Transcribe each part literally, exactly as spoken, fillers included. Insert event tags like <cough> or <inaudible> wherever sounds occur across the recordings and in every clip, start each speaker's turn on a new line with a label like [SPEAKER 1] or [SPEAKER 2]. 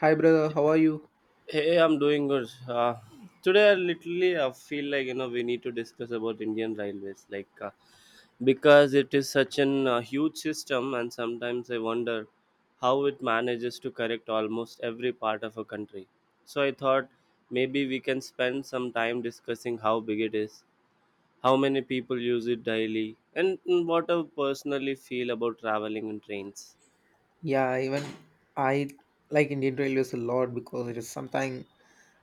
[SPEAKER 1] Hi brother, how are you?
[SPEAKER 2] Hey, I'm doing good. Uh, today, I literally uh, feel like you know we need to discuss about Indian railways, like uh, because it is such an uh, huge system, and sometimes I wonder how it manages to correct almost every part of a country. So I thought maybe we can spend some time discussing how big it is, how many people use it daily, and mm, what I personally feel about traveling in trains.
[SPEAKER 1] Yeah, even I like Indian Railways a lot because it is something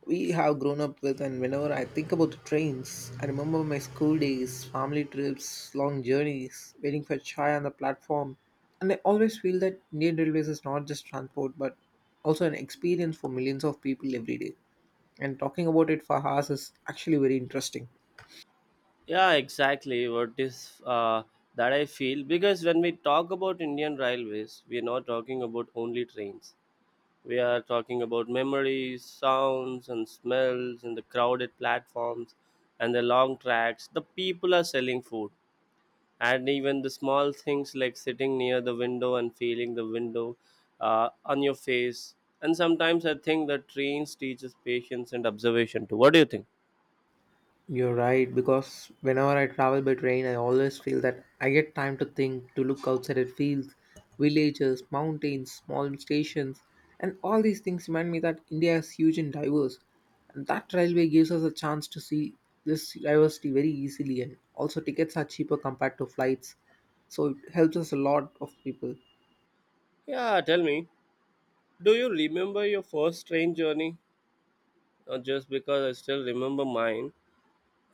[SPEAKER 1] we have grown up with, and whenever I think about the trains, I remember my school days, family trips, long journeys, waiting for chai on the platform. And I always feel that Indian Railways is not just transport but also an experience for millions of people every day. And talking about it for hours is actually very interesting.
[SPEAKER 2] Yeah, exactly. What is uh, that I feel because when we talk about Indian railways, we are not talking about only trains. We are talking about memories, sounds, and smells, and the crowded platforms, and the long tracks. The people are selling food, and even the small things like sitting near the window and feeling the window uh, on your face. And sometimes I think that trains teaches patience and observation too. What do you think?
[SPEAKER 1] You're right, because whenever I travel by train, I always feel that I get time to think, to look outside at fields, villages, mountains, small stations, and all these things remind me that India is huge and diverse. And that railway gives us a chance to see this diversity very easily, and also tickets are cheaper compared to flights, so it helps us a lot of people.
[SPEAKER 2] Yeah, tell me. Do you remember your first train journey? Uh, just because I still remember mine.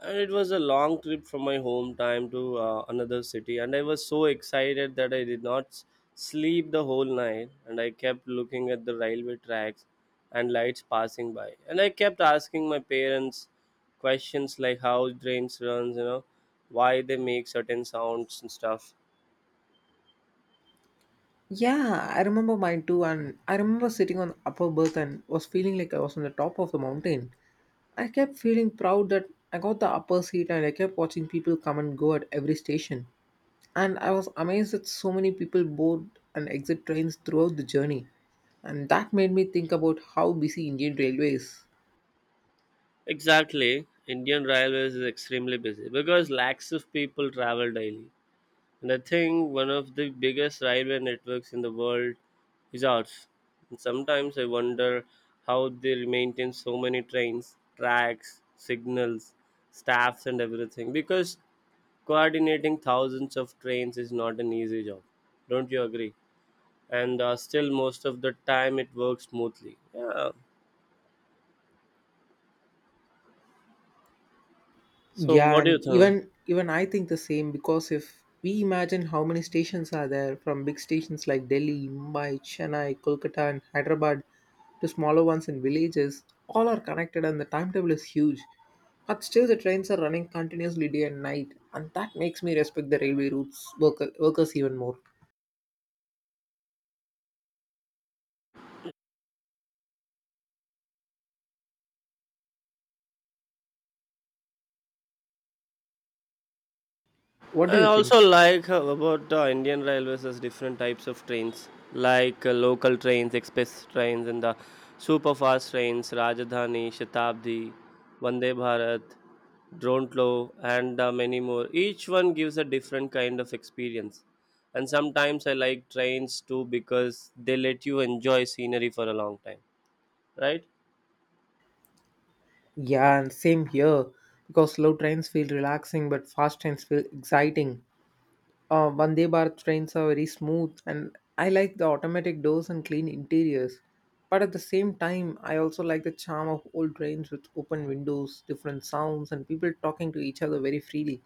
[SPEAKER 2] And it was a long trip from my hometown to uh, another city. And I was so excited that I did not s- sleep the whole night. And I kept looking at the railway tracks and lights passing by. And I kept asking my parents questions like how trains runs, you know, why they make certain sounds and stuff.
[SPEAKER 1] Yeah, I remember mine too, and I remember sitting on the upper berth and was feeling like I was on the top of the mountain. I kept feeling proud that I got the upper seat, and I kept watching people come and go at every station. And I was amazed that so many people board and exit trains throughout the journey. And that made me think about how busy Indian Railway is.
[SPEAKER 2] Exactly. Indian Railways is extremely busy because lakhs of people travel daily. And I think one of the biggest railway networks in the world is ours. And sometimes I wonder how they maintain so many trains, tracks, signals, staffs, and everything. Because coordinating thousands of trains is not an easy job. Don't you agree? And uh, still, most of the time, it works smoothly. Yeah. So,
[SPEAKER 1] Yeah,
[SPEAKER 2] what do you
[SPEAKER 1] and
[SPEAKER 2] think?
[SPEAKER 1] even even I think the same, because if we imagine how many stations are there, from big stations like Delhi, Mumbai, Chennai, Kolkata and Hyderabad to smaller ones in villages, all are connected and the timetable is huge. But still the trains are running continuously day and night, and that makes me respect the railway routes worker, workers even more. What do
[SPEAKER 2] I
[SPEAKER 1] you think?
[SPEAKER 2] also like uh, about uh, Indian Railways is different types of trains, like uh, local trains, express trains, and the super fast trains, Rajadhani, Shatabdi, Vande Bharat, Drontlo, and uh, many more. Each one gives a different kind of experience. And sometimes I like trains too because they let you enjoy scenery for a long time, right?
[SPEAKER 1] Yeah, and same here, because slow trains feel relaxing but fast trains feel exciting. Uh, Vande Bharat trains are very smooth, and I like the automatic doors and clean interiors. But at the same time, I also like the charm of old trains with open windows, different sounds, and people talking to each other very freely.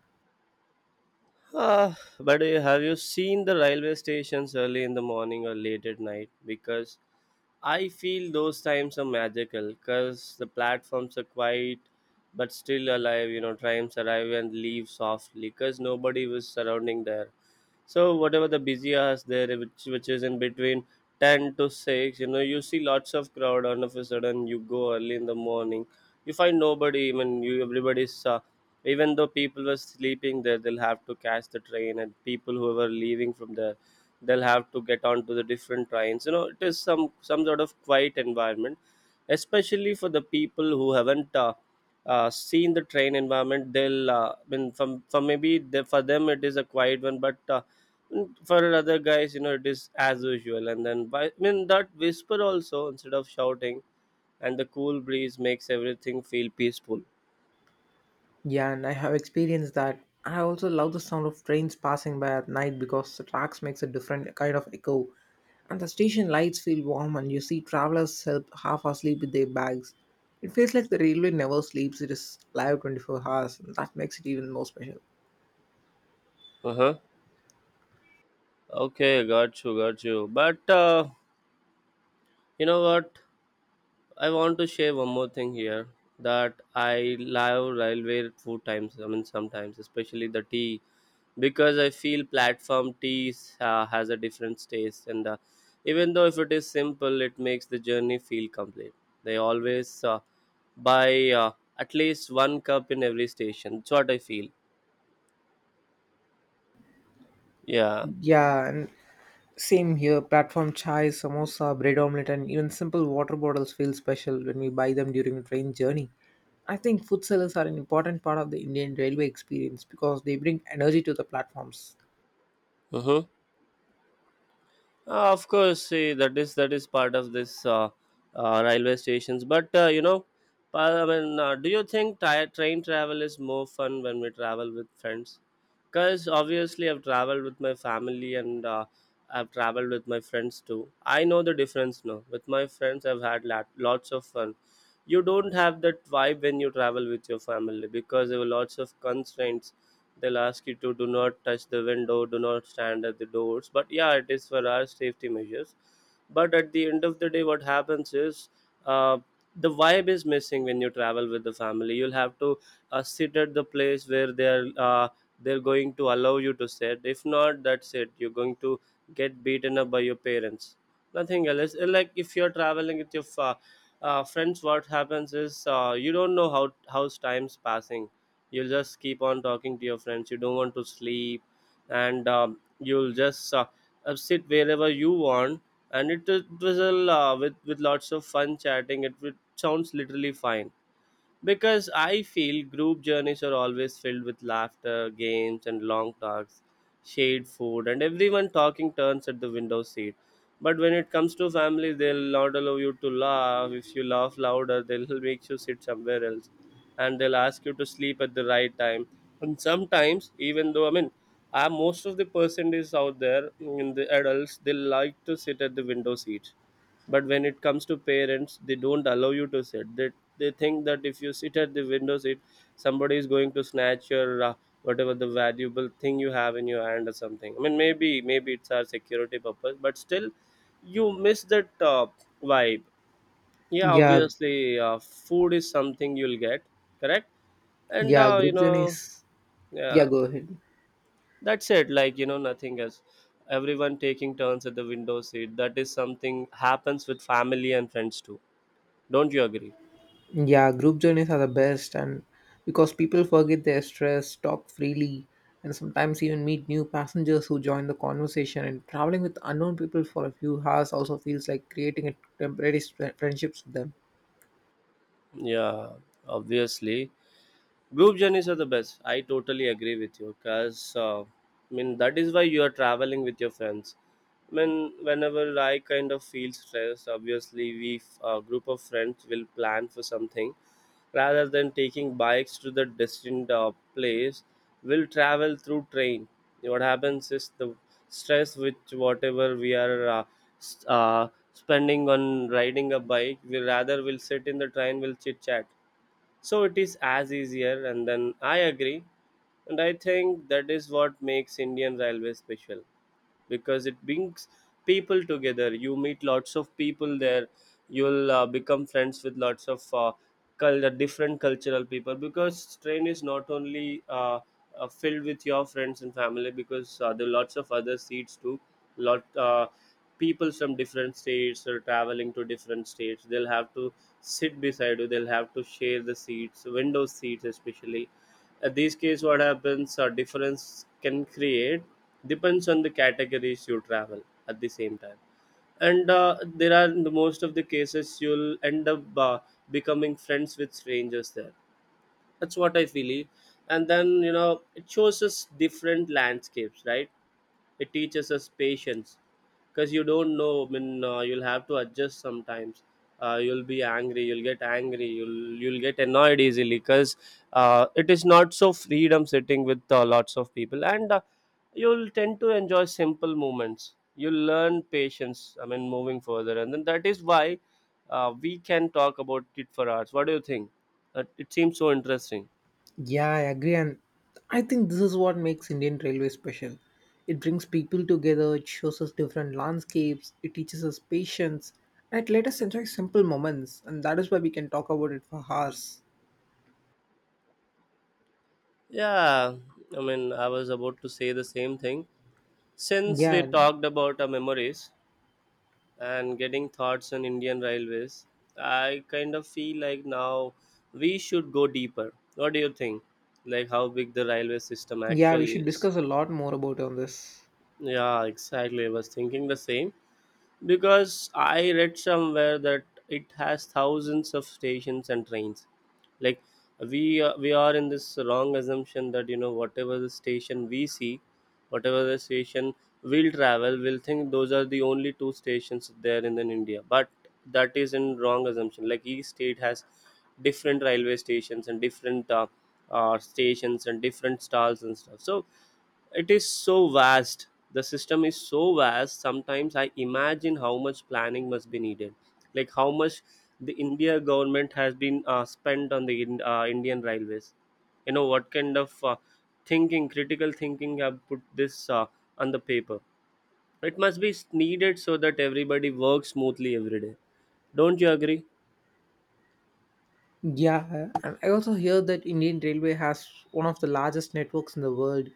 [SPEAKER 2] Uh, but uh, have you seen the railway stations early in the morning or late at night? Because I feel those times are magical because the platforms are quiet but still alive. You know, trains arrive and leave softly because nobody was surrounding there. So whatever the busy hours there, which which is in between ten to six, you know, you see lots of crowd. All of a sudden, you go early in the morning, you find nobody. I mean, you, everybody's uh, even though people were sleeping there, they'll have to catch the train, and people who were leaving from there, they'll have to get onto the different trains. You know, it is some some sort of quiet environment, especially for the people who haven't uh, uh, seen the train environment. They'll uh, I mean, from from maybe they, for them, it is a quiet one, but uh, for other guys, you know, it is as usual. And then by, I mean, that whisper also instead of shouting, and the cool breeze makes everything feel peaceful.
[SPEAKER 1] Yeah, and I have experienced that. I also love the sound of trains passing by at night because the tracks makes a different kind of echo, and the station lights feel warm, and you see travelers help half asleep with their bags. It feels like the railway never sleeps; it is live twenty-four hours, and that makes it even more special.
[SPEAKER 2] Uh-huh. Okay, got you, got you. But uh, you know what? I want to share one more thing here that I love railway food times. I mean, sometimes, especially the tea, because I feel platform teas uh, has a different taste, and uh, even though if it is simple, it makes the journey feel complete. They always uh, buy uh, at least one cup in every station. That's what I feel. Yeah.
[SPEAKER 1] Yeah, and same here. Platform chai, samosa, bread omelette, and even simple water bottles feel special when we buy them during the train journey. I think food sellers are an important part of the Indian railway experience because they bring energy to the platforms.
[SPEAKER 2] Mm-hmm. Uh, of course, see, that is that is part of this uh, uh, railway stations. But uh, you know, pa- I mean, uh, do you think ti- train travel is more fun when we travel with friends? Because obviously, I've traveled with my family and uh, I've traveled with my friends too. I know the difference now. With my friends, I've had lot, lots of fun. You don't have that vibe when you travel with your family because there were lots of constraints. They'll ask you to do not touch the window, do not stand at the doors. But yeah, it is for our safety measures. But at the end of the day, what happens is, uh, the vibe is missing. When you travel with the family, you'll have to uh, sit at the place where they're uh, they're going to allow you to sit. If not, that's it, you're going to get beaten up by your parents, nothing else. Uh, like if you're traveling with your fa- uh, friends, what happens is, uh, you don't know how how's time's passing. You'll just keep on talking to your friends, you don't want to sleep, and um, you'll just uh, uh, sit wherever you want. And it, it was a uh, with with lots of fun chatting. It, it sounds literally fine because I feel group journeys are always filled with laughter, games, and long talks, shared food, and everyone talking turns at the window seat. But when it comes to family, they'll not allow you to laugh. If you laugh louder, <laughs> they'll make you sit somewhere else, and they'll ask you to sleep at the right time. And sometimes, even though, I mean, uh, most of the percent is out there, mm, in the adults, they like to sit at the window seat. But when it comes to parents, they don't allow you to sit. they, they think that if you sit at the window seat, somebody is going to snatch your uh, whatever the valuable thing you have in your hand or something. I mean, maybe maybe it's our security purpose, but still you miss that uh, vibe. Yeah,
[SPEAKER 1] Yeah,
[SPEAKER 2] obviously, uh, food is something you'll get, correct. and
[SPEAKER 1] yeah,
[SPEAKER 2] uh, you
[SPEAKER 1] group
[SPEAKER 2] know,
[SPEAKER 1] journeys. Yeah,
[SPEAKER 2] yeah,
[SPEAKER 1] go ahead.
[SPEAKER 2] that's it, like, you know, nothing else. Everyone taking turns at the window seat, that is something happens with family and friends too, don't you agree?
[SPEAKER 1] Yeah, group journeys are the best, and because people forget their stress, talk freely, and sometimes even meet new passengers who join the conversation. And traveling with unknown people for a few hours also feels like creating a temporary sp- friendships with them.
[SPEAKER 2] Yeah, obviously. Group journeys are the best. I totally agree with you because, uh, I mean, that is why you are traveling with your friends. I mean, whenever I kind of feel stressed, obviously, we, a group of friends, will plan for something rather than taking bikes to the distant uh, place. We'll travel through train. What happens is the stress, which whatever we are uh, s- uh, spending on riding a bike, we rather will sit in the train, we'll chit chat, so it is as easier. And then I agree, and I think that is what makes Indian railway special because it brings people together. You meet lots of people there. You'll uh, become friends with lots of uh, cul- uh, different cultural people, because train is not only uh, uh, filled with your friends and family, because uh, there are lots of other seats too. Lot uh, People from different states are traveling to different states. They'll have to sit beside you, they'll have to share the seats, window seats especially. At this case, what happens, a difference can create depends on the categories you travel at the same time. And uh, there are, the most of the cases, you'll end up uh, becoming friends with strangers there. That's what I feel, eh. And then, you know, it shows us different landscapes, right? It teaches us patience, because you don't know, I mean, uh, you'll have to adjust sometimes. Uh, you'll be angry, you'll get angry, you'll you'll get annoyed easily, because uh, it is not so freedom sitting with uh, lots of people. And uh, you'll tend to enjoy simple moments, you'll learn patience, I mean, moving further. And then that is why uh, we can talk about it for hours. What do you think? Uh, it seems so interesting.
[SPEAKER 1] Yeah, I agree, and I think this is what makes Indian Railway special. It brings people together, it shows us different landscapes, it teaches us patience, and it let us enjoy simple moments, and that is why we can talk about it for hours.
[SPEAKER 2] Yeah, I mean, I was about to say the same thing. Since we
[SPEAKER 1] Yeah.
[SPEAKER 2] talked about our memories and getting thoughts on Indian railways, I kind of feel like now we should go deeper. What do you think? Like how big the railway system
[SPEAKER 1] Yeah, we
[SPEAKER 2] actually
[SPEAKER 1] should
[SPEAKER 2] is?
[SPEAKER 1] discuss a lot more about on this.
[SPEAKER 2] Yeah, exactly. I was thinking the same. Because I read somewhere that it has thousands of stations and trains. Like we uh, we are in this wrong assumption that, you know, whatever the station we see, whatever the station we'll travel, we'll think those are the only two stations there in, in India. But that is in wrong assumption. Like each state has different railway stations and different uh, uh, stations and different stalls and stuff. So it is so vast, the system is so vast. Sometimes I imagine how much planning must be needed, like how much the India government has been uh, spent on the in, uh, Indian railways. You know, what kind of uh, thinking, critical thinking have put this uh, on the paper, it must be needed so that everybody works smoothly every day. Don't you agree?
[SPEAKER 1] Yeah, and I also hear that Indian Railway has one of the largest networks in the world.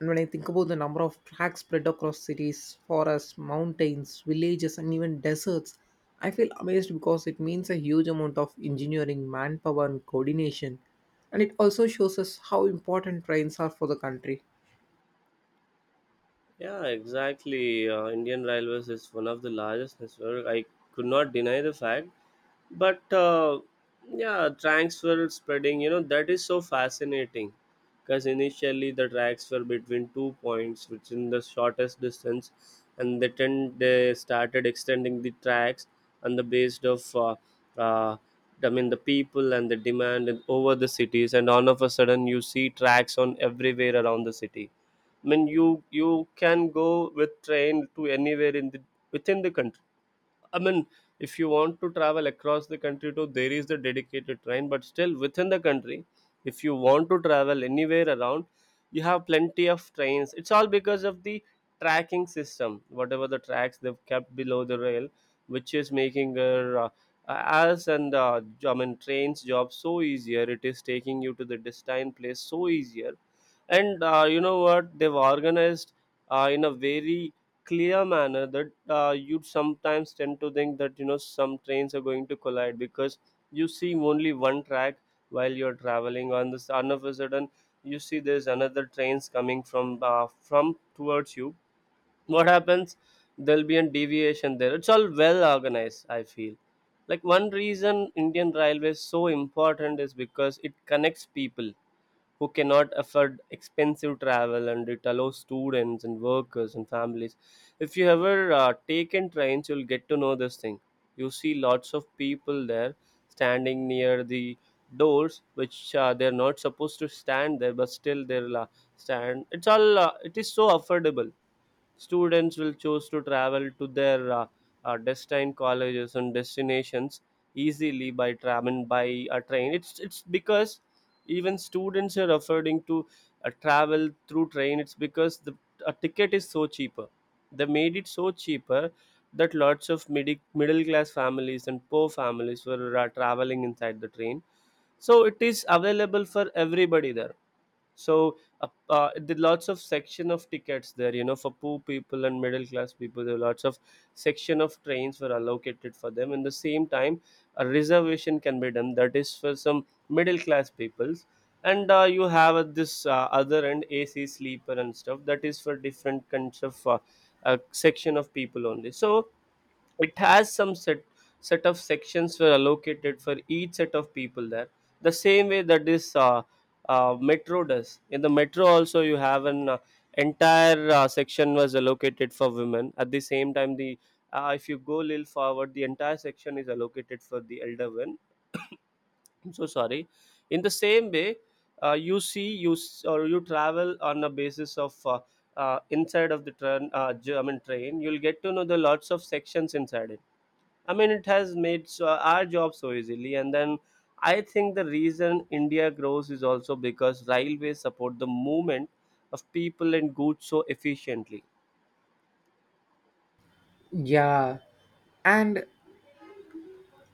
[SPEAKER 1] And when I think about the number of tracks spread across cities, forests, mountains, villages, and even deserts, I feel amazed because it means a huge amount of engineering, manpower, and coordination. And it also shows us how important trains are for the country.
[SPEAKER 2] Yeah, exactly. Uh, Indian Railways is one of the largest network. I could not deny the fact but uh, yeah, tracks were spreading, you know, that is so fascinating because initially the tracks were between two points which in the shortest distance, and they tend they started extending the tracks on the based of uh, uh, I mean the people and the demand and over the cities, and all of a sudden you see tracks on everywhere around the city. I mean you you can go with train to anywhere in the within the country. I mean, if you want to travel across the country too, there is the dedicated train, but still within the country, if you want to travel anywhere around, you have plenty of trains. It's all because of the tracking system, whatever the tracks they've kept below the rail, which is making their uh, us and uh, j- I mean trains job so easier. It is taking you to the destined place so easier, and uh, you know what, they've organized uh, in a very clear manner that uh, you sometimes tend to think that, you know, some trains are going to collide because you see only one track while you're traveling on this, and of a sudden you see there's another trains coming from uh, from towards you. What happens? There'll be a deviation there. It's all well organized, I feel. Like, one reason Indian railway is so important is because it connects people who cannot afford expensive travel, and it allows students and workers and families. If you ever uh, taken trains, you'll get to know this thing. You see lots of people there standing near the doors, which uh, they're not supposed to stand there, but still they'll uh, stand. It's all uh, it is so affordable. Students will choose to travel to their uh, uh, destined colleges and destinations easily by traveling by a train. It's it's because even students are affording to uh, travel through train. It's because the a ticket is so cheaper. They made it so cheaper that lots of midi- middle class families and poor families were uh, traveling inside the train. So it is available for everybody there. So uh, uh, there lots of section of tickets there, you know, for poor people and middle class people, there are lots of section of trains were allocated for them, and the same time a reservation can be done, that is for some middle class peoples. And uh, you have at this uh, other end AC sleeper and stuff, that is for different kinds of uh, uh, section of people only. So it has some set set of sections were allocated for each set of people there. The same way that this uh, uh, metro does. In the metro also you have an uh, entire uh, section was allocated for women, at the same time the uh, if you go little forward, the entire section is allocated for the elder women. I'm so sorry. In the same way, uh, you see you s- or you travel on a basis of uh, uh, inside of the train uh, j- I mean train, you'll get to know the lots of sections inside it. I mean, it has made so, our job so easily. And then I think the reason India grows is also because railways support the movement of people and goods so efficiently.
[SPEAKER 1] Yeah, and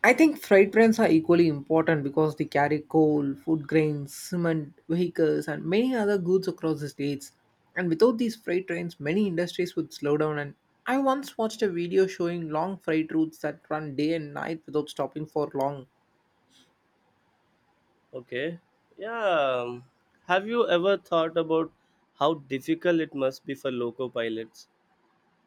[SPEAKER 1] I think freight trains are equally important because they carry coal, food grains, cement, vehicles, and many other goods across the states. And without these freight trains, many industries would slow down. And I once watched a video showing long freight routes that run day and night without stopping for long.
[SPEAKER 2] Okay. Yeah. Have you ever thought about how difficult it must be for loco pilots?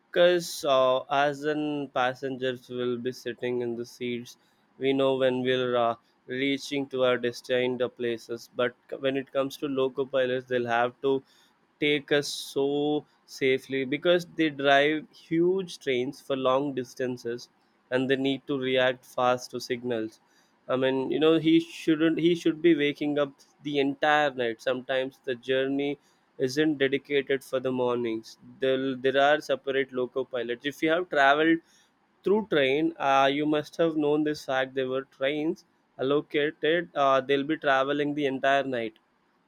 [SPEAKER 2] Because uh, as in passengers will be sitting in the seats, we know when we're uh, reaching to our destined uh, places. But c- when it comes to loco pilots, they'll have to take us so safely because they drive huge trains for long distances and they need to react fast to signals. I mean, you know, he shouldn't he should be waking up the entire night. Sometimes the journey isn't dedicated for the mornings. there, there are separate loco pilots. If you have traveled through train, uh, you must have known this fact. There were trains allocated, uh, they'll be traveling the entire night.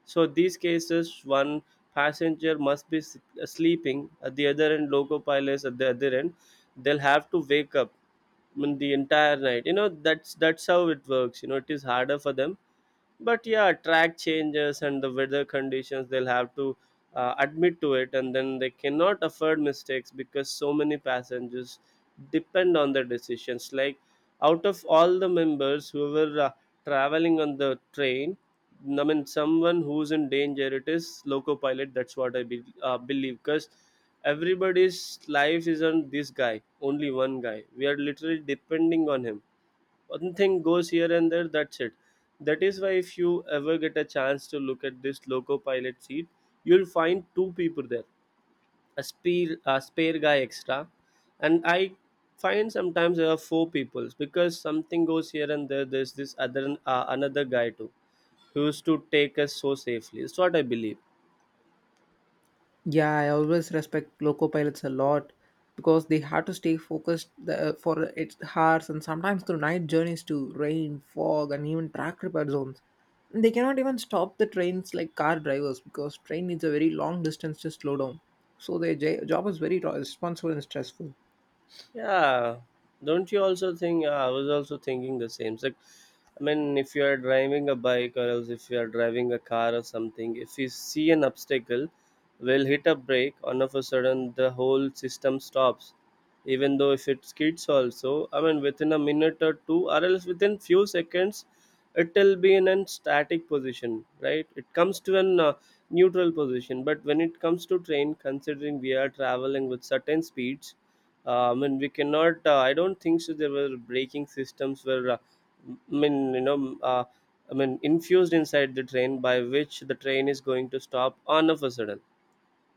[SPEAKER 2] So these cases, one passenger must be s- uh, sleeping at the other end, loco pilots at the other end. They'll have to wake up, I mean, the entire night. You know, that's that's how it works. You know, it is harder for them, but yeah, track changes and the weather conditions they'll have to uh, admit to it, and then they cannot afford mistakes because so many passengers depend on their decisions. Like, out of all the members who were uh, traveling on the train, I mean someone who's in danger, it is loco pilot, that's what i be, uh, believe, because everybody's life is on this guy, only one guy we are literally depending on him. One thing goes here and there, that's it. That is why if you ever get a chance to look at this loco pilot seat, you'll find two people there, a spare, a spare guy extra. And I find sometimes there are four people because something goes here and there, there's this other uh, another guy too, who used to take us so safely, it's what I believe.
[SPEAKER 1] Yeah, I always respect loco pilots a lot because they have to stay focused the, uh, for its hours and sometimes through night journeys to rain, fog, and even track repair zones. They cannot even stop the trains like car drivers because train needs a very long distance to slow down. So their j- job is very ro- responsible and stressful.
[SPEAKER 2] Yeah, don't you also think? Yeah, I was also thinking the same. It's like, I mean, if you are driving a bike or else if you are driving a car or something, if you see an obstacle, we'll hit a brake. All of a sudden the whole system stops. Even though if it skids also, I mean, within a minute or two, or else within few seconds, it will be in a static position, right? It comes to an uh, neutral position. But when it comes to train, considering we are traveling with certain speeds, uh, I mean, we cannot. Uh, I don't think so. There were braking systems were, uh, m- I mean, you know, uh, I mean, infused inside the train by which the train is going to stop on of a sudden.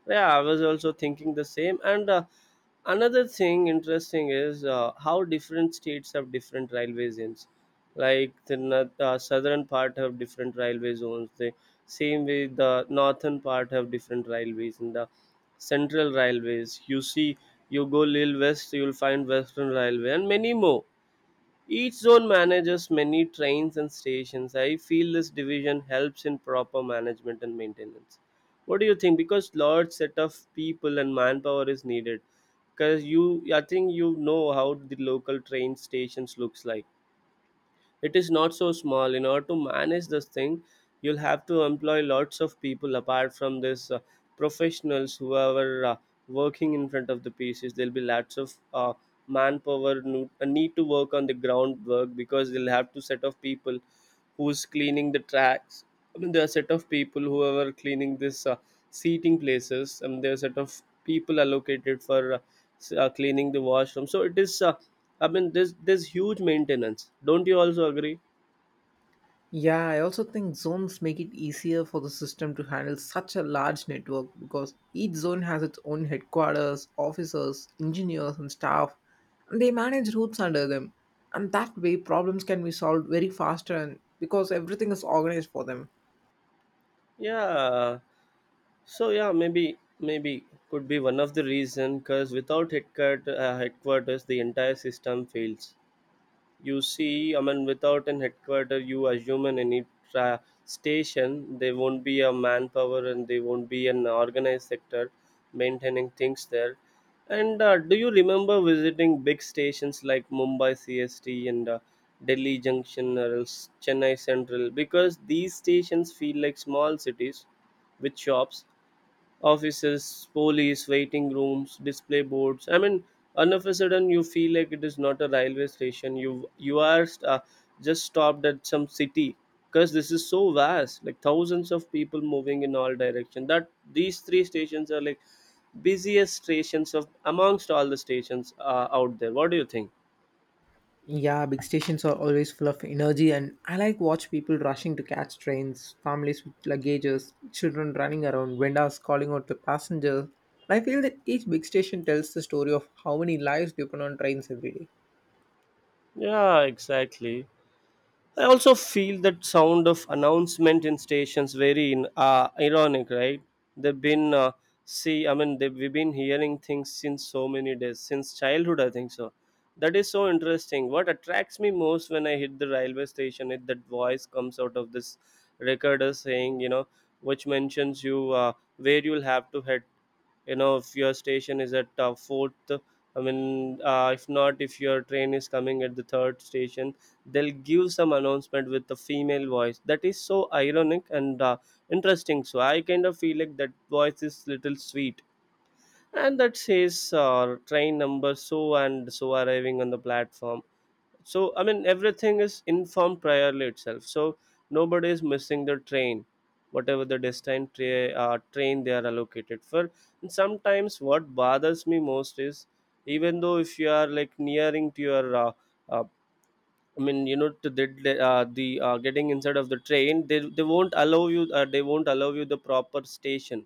[SPEAKER 2] Yeah, I was also thinking the same. And uh, another thing interesting is uh, how different states have different railway zones. Like the north- uh, southern part have different railway zones. The same way, the northern part have different railways, and the central railways, you see, you go little west, you'll find western railway and many more. Each zone manages many trains and stations. I feel this division helps in proper management and maintenance. What do you think? Because large set of people and manpower is needed. Because you, I think you know how the local train stations looks like. It is not so small. In order to manage this thing, you'll have to employ lots of people apart from this uh, professionals who are uh, working in front of the pieces. There'll be lots of uh, manpower no- uh, need to work on the groundwork because they'll have to set of people who's cleaning the tracks. I mean, there are set of people who are cleaning this uh, seating places, and there are set of people allocated for uh, s- uh, cleaning the washroom. So it is uh, I mean, there's there's huge maintenance. Don't you also agree?
[SPEAKER 1] Yeah, I also think zones make it easier for the system to handle such a large network because each zone has its own headquarters, officers, engineers, and staff, and they manage routes under them. And that way, problems can be solved very faster and because everything is organized for them.
[SPEAKER 2] Yeah. So yeah, maybe maybe could be one of the reason, because without headquarter uh, headquarters, the entire system fails. You see, I mean, without an headquarter, you assume in any tra- station there won't be a manpower and there won't be an organized sector maintaining things there. And uh, do you remember visiting big stations like Mumbai C S T and uh, Delhi Junction or else Chennai Central? Because these stations feel like small cities with shops, offices, police, waiting rooms, display boards. I mean, all of a sudden you feel like it is not a railway station. You you are st- uh, just stopped at some city because this is so vast, like thousands of people moving in all direction. That these three stations are like busiest stations of amongst all the stations uh, out there. What do you think?
[SPEAKER 1] Yeah, big stations are always full of energy, and I like watch people rushing to catch trains, families with luggages, children running around, vendors calling out to passengers. And I feel that each big station tells the story of how many lives depend on trains every day.
[SPEAKER 2] Yeah, exactly. I also feel that sound of announcement in stations very in, uh, ironic, right? They've been uh, see, I mean, they we've been hearing things since so many days, since childhood, I think so. That is so interesting. What attracts me most when I hit the railway station is that voice comes out of this recorder saying, you know, which mentions you uh, where you'll have to head, you know if your station is at uh, fourth, i mean uh, if not, if your train is coming at the third station, they'll give some announcement with the female voice that is so ironic and, uh, interesting. So I kind of feel like that voice is little sweet, and that says, uh, train number so and so arriving on the platform. So I mean everything is informed priorly itself, so nobody is missing the train, whatever the destined tra- uh, train they are allocated for. And sometimes what bothers me most is, even though if you are like nearing to your uh, uh, I mean, you know to the the, uh, the uh, getting inside of the train, they, they won't allow you, uh, they won't allow you the proper station.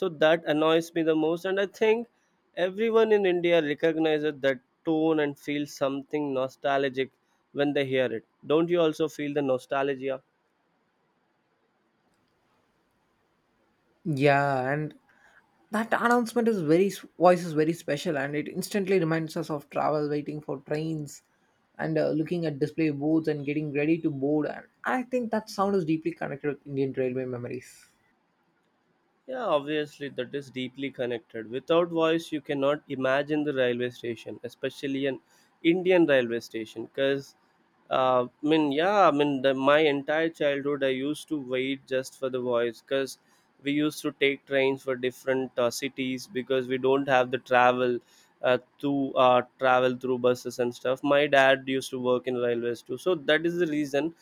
[SPEAKER 2] So that annoys me the most, and I think everyone in India recognizes that tone and feels something nostalgic when they hear it. Don't you also feel the nostalgia?
[SPEAKER 1] Yeah, and that announcement is very voice is very special, and it instantly reminds us of travel, waiting for trains, and uh, looking at display boards and getting ready to board. And I think that sound is deeply connected with Indian railway memories.
[SPEAKER 2] Yeah, obviously, that is deeply connected. Without voice, you cannot imagine the railway station, especially an Indian railway station. Because, uh, I mean, yeah, I mean, the, my entire childhood, I used to wait just for the voice, because we used to take trains for different uh, cities, because we don't have the travel. Uh, to uh, travel through buses and stuff. My dad used to work in railways too, so that is the reason.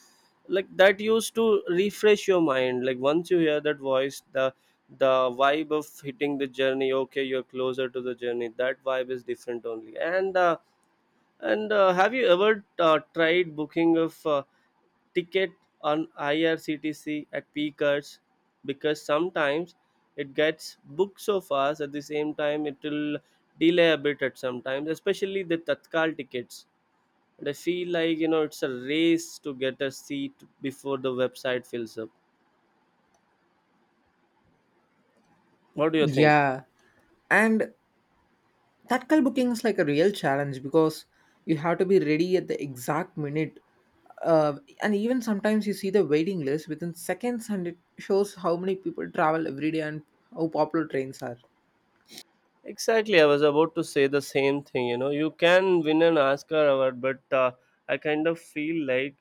[SPEAKER 2] Like, that used to refresh your mind. Like once you hear that voice, the the vibe of hitting the journey, okay, you're closer to the journey, that vibe is different only. And uh, and uh, have you ever uh, tried booking of uh, ticket on I R C T C at peak hours? Because sometimes it gets booked so fast, at the same time it will delay a bit at sometimes, especially the Tatkal tickets. And I feel like, you know, it's a race to get a seat before the website fills up. What do you think?
[SPEAKER 1] Yeah, and Tatkal booking is like a real challenge because you have to be ready at the exact minute. Uh, and even sometimes you see the waiting list within seconds, and it shows how many people travel every day and how popular trains are.
[SPEAKER 2] Exactly, I was about to say the same thing. You know, you can win an Oscar award, but uh, I kind of feel like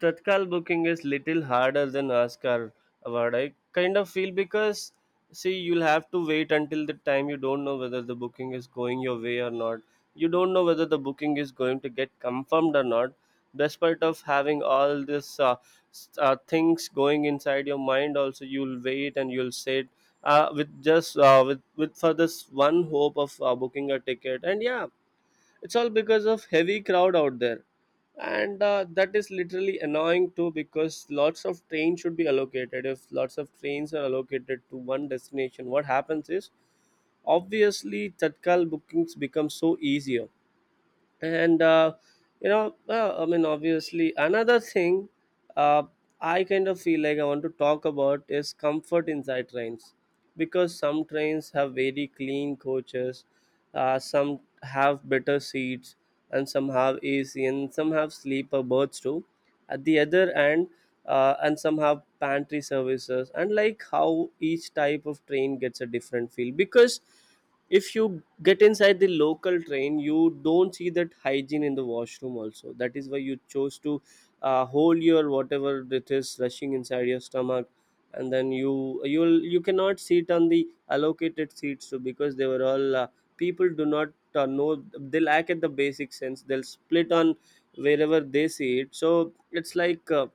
[SPEAKER 2] Tatkal booking is little harder than Oscar award. I kind of feel, because see, you'll have to wait until the time, you don't know whether the booking is going your way or not. You don't know whether the booking is going to get confirmed or not. Despite of having all this, uh, s- uh, things going inside your mind, also you'll wait and you'll sit uh, with just, uh, with with for this one hope of uh, booking a ticket. And yeah, it's all because of heavy crowd out there, and uh, that is literally annoying too, because lots of trains should be allocated. If lots of trains are allocated to one destination, what happens is obviously Tatkal bookings become so easier. And uh, you know, uh, I mean, obviously another thing uh, I kind of feel like I want to talk about is comfort inside trains, because some trains have very clean coaches, uh, some have better seats, and some have A C, and some have sleeper berths too at the other end. Uh, and some have pantry services. And like, how each type of train gets a different feel, because if you get inside the local train, you don't see that hygiene in the washroom also. That is why you chose to uh, hold your whatever it is rushing inside your stomach. And then you you'll you cannot sit on the allocated seats too, because they were all, uh, people do not uh, know, they lack at the basic sense, they'll split on wherever they see it. So it's like, uh,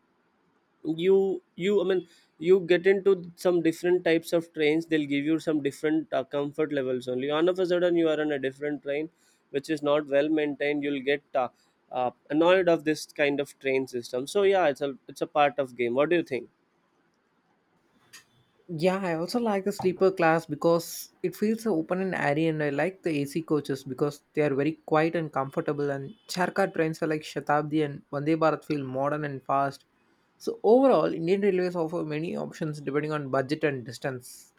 [SPEAKER 2] you you I mean, you get into some different types of trains, they'll give you some different uh, comfort levels only. All of a sudden you are on a different train which is not well maintained, you'll get uh, uh, annoyed of this kind of train system. So yeah, it's a it's a part of game. What do you think?
[SPEAKER 1] Yeah, I also like the sleeper class because it feels so open and airy, and I like the A C coaches because they are very quiet and comfortable. And Charkar trains are like Shatabdi and Vande Bharat feel modern and fast. So overall, Indian Railways offer many options depending on budget and distance.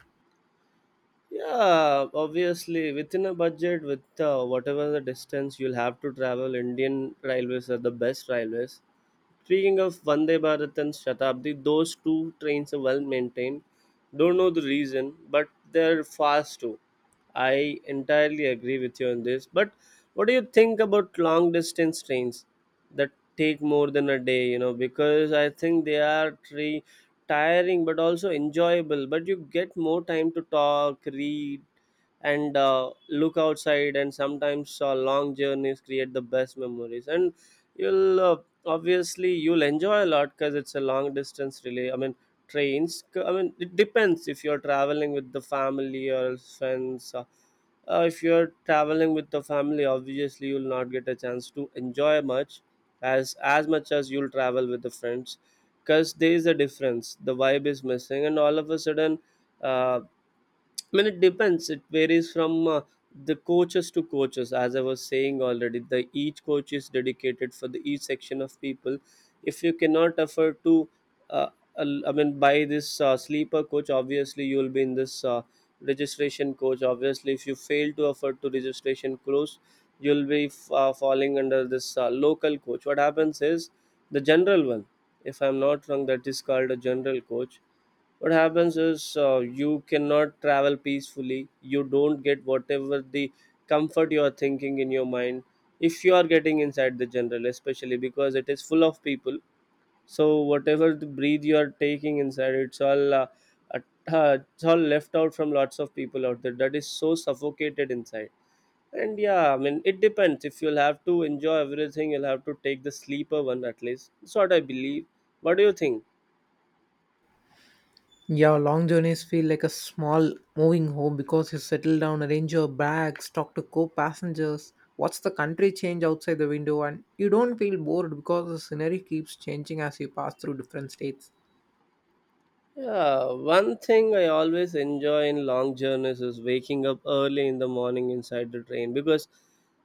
[SPEAKER 2] Yeah, obviously within a budget, with uh, whatever the distance you'll have to travel, Indian Railways are the best railways. Speaking of Vande Bharat and Shatabdi, those two trains are well maintained. Don't know the reason, but they're fast too. I entirely agree with you on this. But what do you think about long distance trains that take more than a day? You know, because I think they are tri- tiring but also enjoyable. But you get more time to talk, read, and uh, look outside. And sometimes uh, long journeys create the best memories. And you'll uh, obviously you'll enjoy a lot, because it's a long distance relay, I mean trains, c- I mean, it depends. If you're traveling with the family or friends, uh, uh, if you're traveling with the family, obviously you'll not get a chance to enjoy much as as much as you'll travel with the friends, because there is a difference, the vibe is missing. And all of a sudden, uh, I mean, it depends. It varies from uh, the coaches to coaches. As I was saying already, the each coach is dedicated for the each section of people. If you cannot afford to, uh, al- I mean, buy this uh, sleeper coach, obviously you will be in this uh, registration coach. Obviously, if you fail to afford to registration coach, you'll be f- uh, falling under this uh, local coach. What happens is the general one. If I'm not wrong, that is called a general coach. What happens is, uh, you cannot travel peacefully, you don't get whatever the comfort you are thinking in your mind, if you are getting inside the general, especially because it is full of people. So whatever the breathe you are taking inside, it's all uh, at- uh, it's all left out from lots of people out there. That is so suffocated inside. And yeah, I mean, it depends. If you'll have to enjoy everything, you'll have to take the sleeper one, at least that's what I believe. What do you think?
[SPEAKER 1] Yeah, long journeys feel like a small moving home because you settle down, arrange your bags, talk to co-passengers, watch the country change outside the window, and you don't feel bored because the scenery keeps changing as you pass through different states.
[SPEAKER 2] Yeah, one thing I always enjoy in long journeys is waking up early in the morning inside the train, because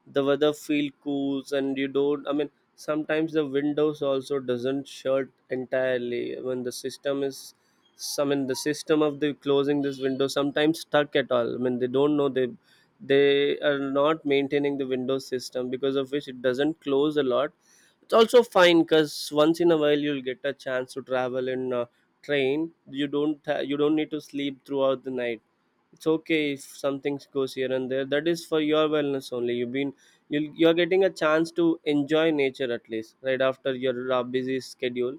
[SPEAKER 2] the weather feel cool, and you don't, I mean sometimes the windows also doesn't shut entirely when the system is, I mean the system of the closing this window sometimes stuck at all. I mean they don't know, they they are not maintaining the window system, because of which it doesn't close a lot. It's also fine, because once in a while you'll get a chance to travel in a train, you don't ha- you don't need to sleep throughout the night. It's okay if something goes here and there, that is for your wellness only. You've been, you'll, you're getting a chance to enjoy nature at least right after your uh, busy schedule.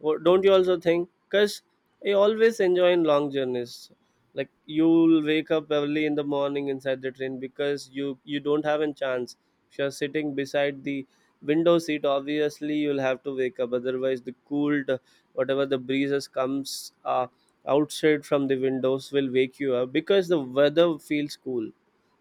[SPEAKER 2] Wo- Don't you also think? Because I always enjoy in long journeys. Like, you'll wake up early in the morning inside the train, because you you don't have a chance. If you're sitting beside the window seat, obviously you'll have to wake up. Otherwise, the cooled, whatever the breezes comes uh, outside from the windows will wake you up, because the weather feels cool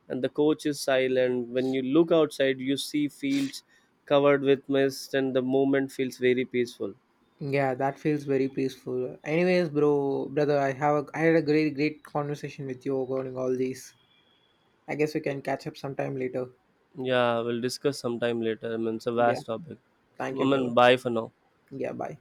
[SPEAKER 2] and the coach is silent. When you look outside, you see fields covered with mist, and the moment feels very peaceful.
[SPEAKER 1] Yeah, that feels very peaceful. Anyways, bro, brother, I have a, I had a great, great conversation with you regarding all these. I guess we can catch up sometime later.
[SPEAKER 2] Yeah, we'll discuss sometime later. I mean, it's a
[SPEAKER 1] Yeah,
[SPEAKER 2] vast topic.
[SPEAKER 1] thank
[SPEAKER 2] I
[SPEAKER 1] you, brother.
[SPEAKER 2] mean, bye for now.
[SPEAKER 1] Yeah, bye.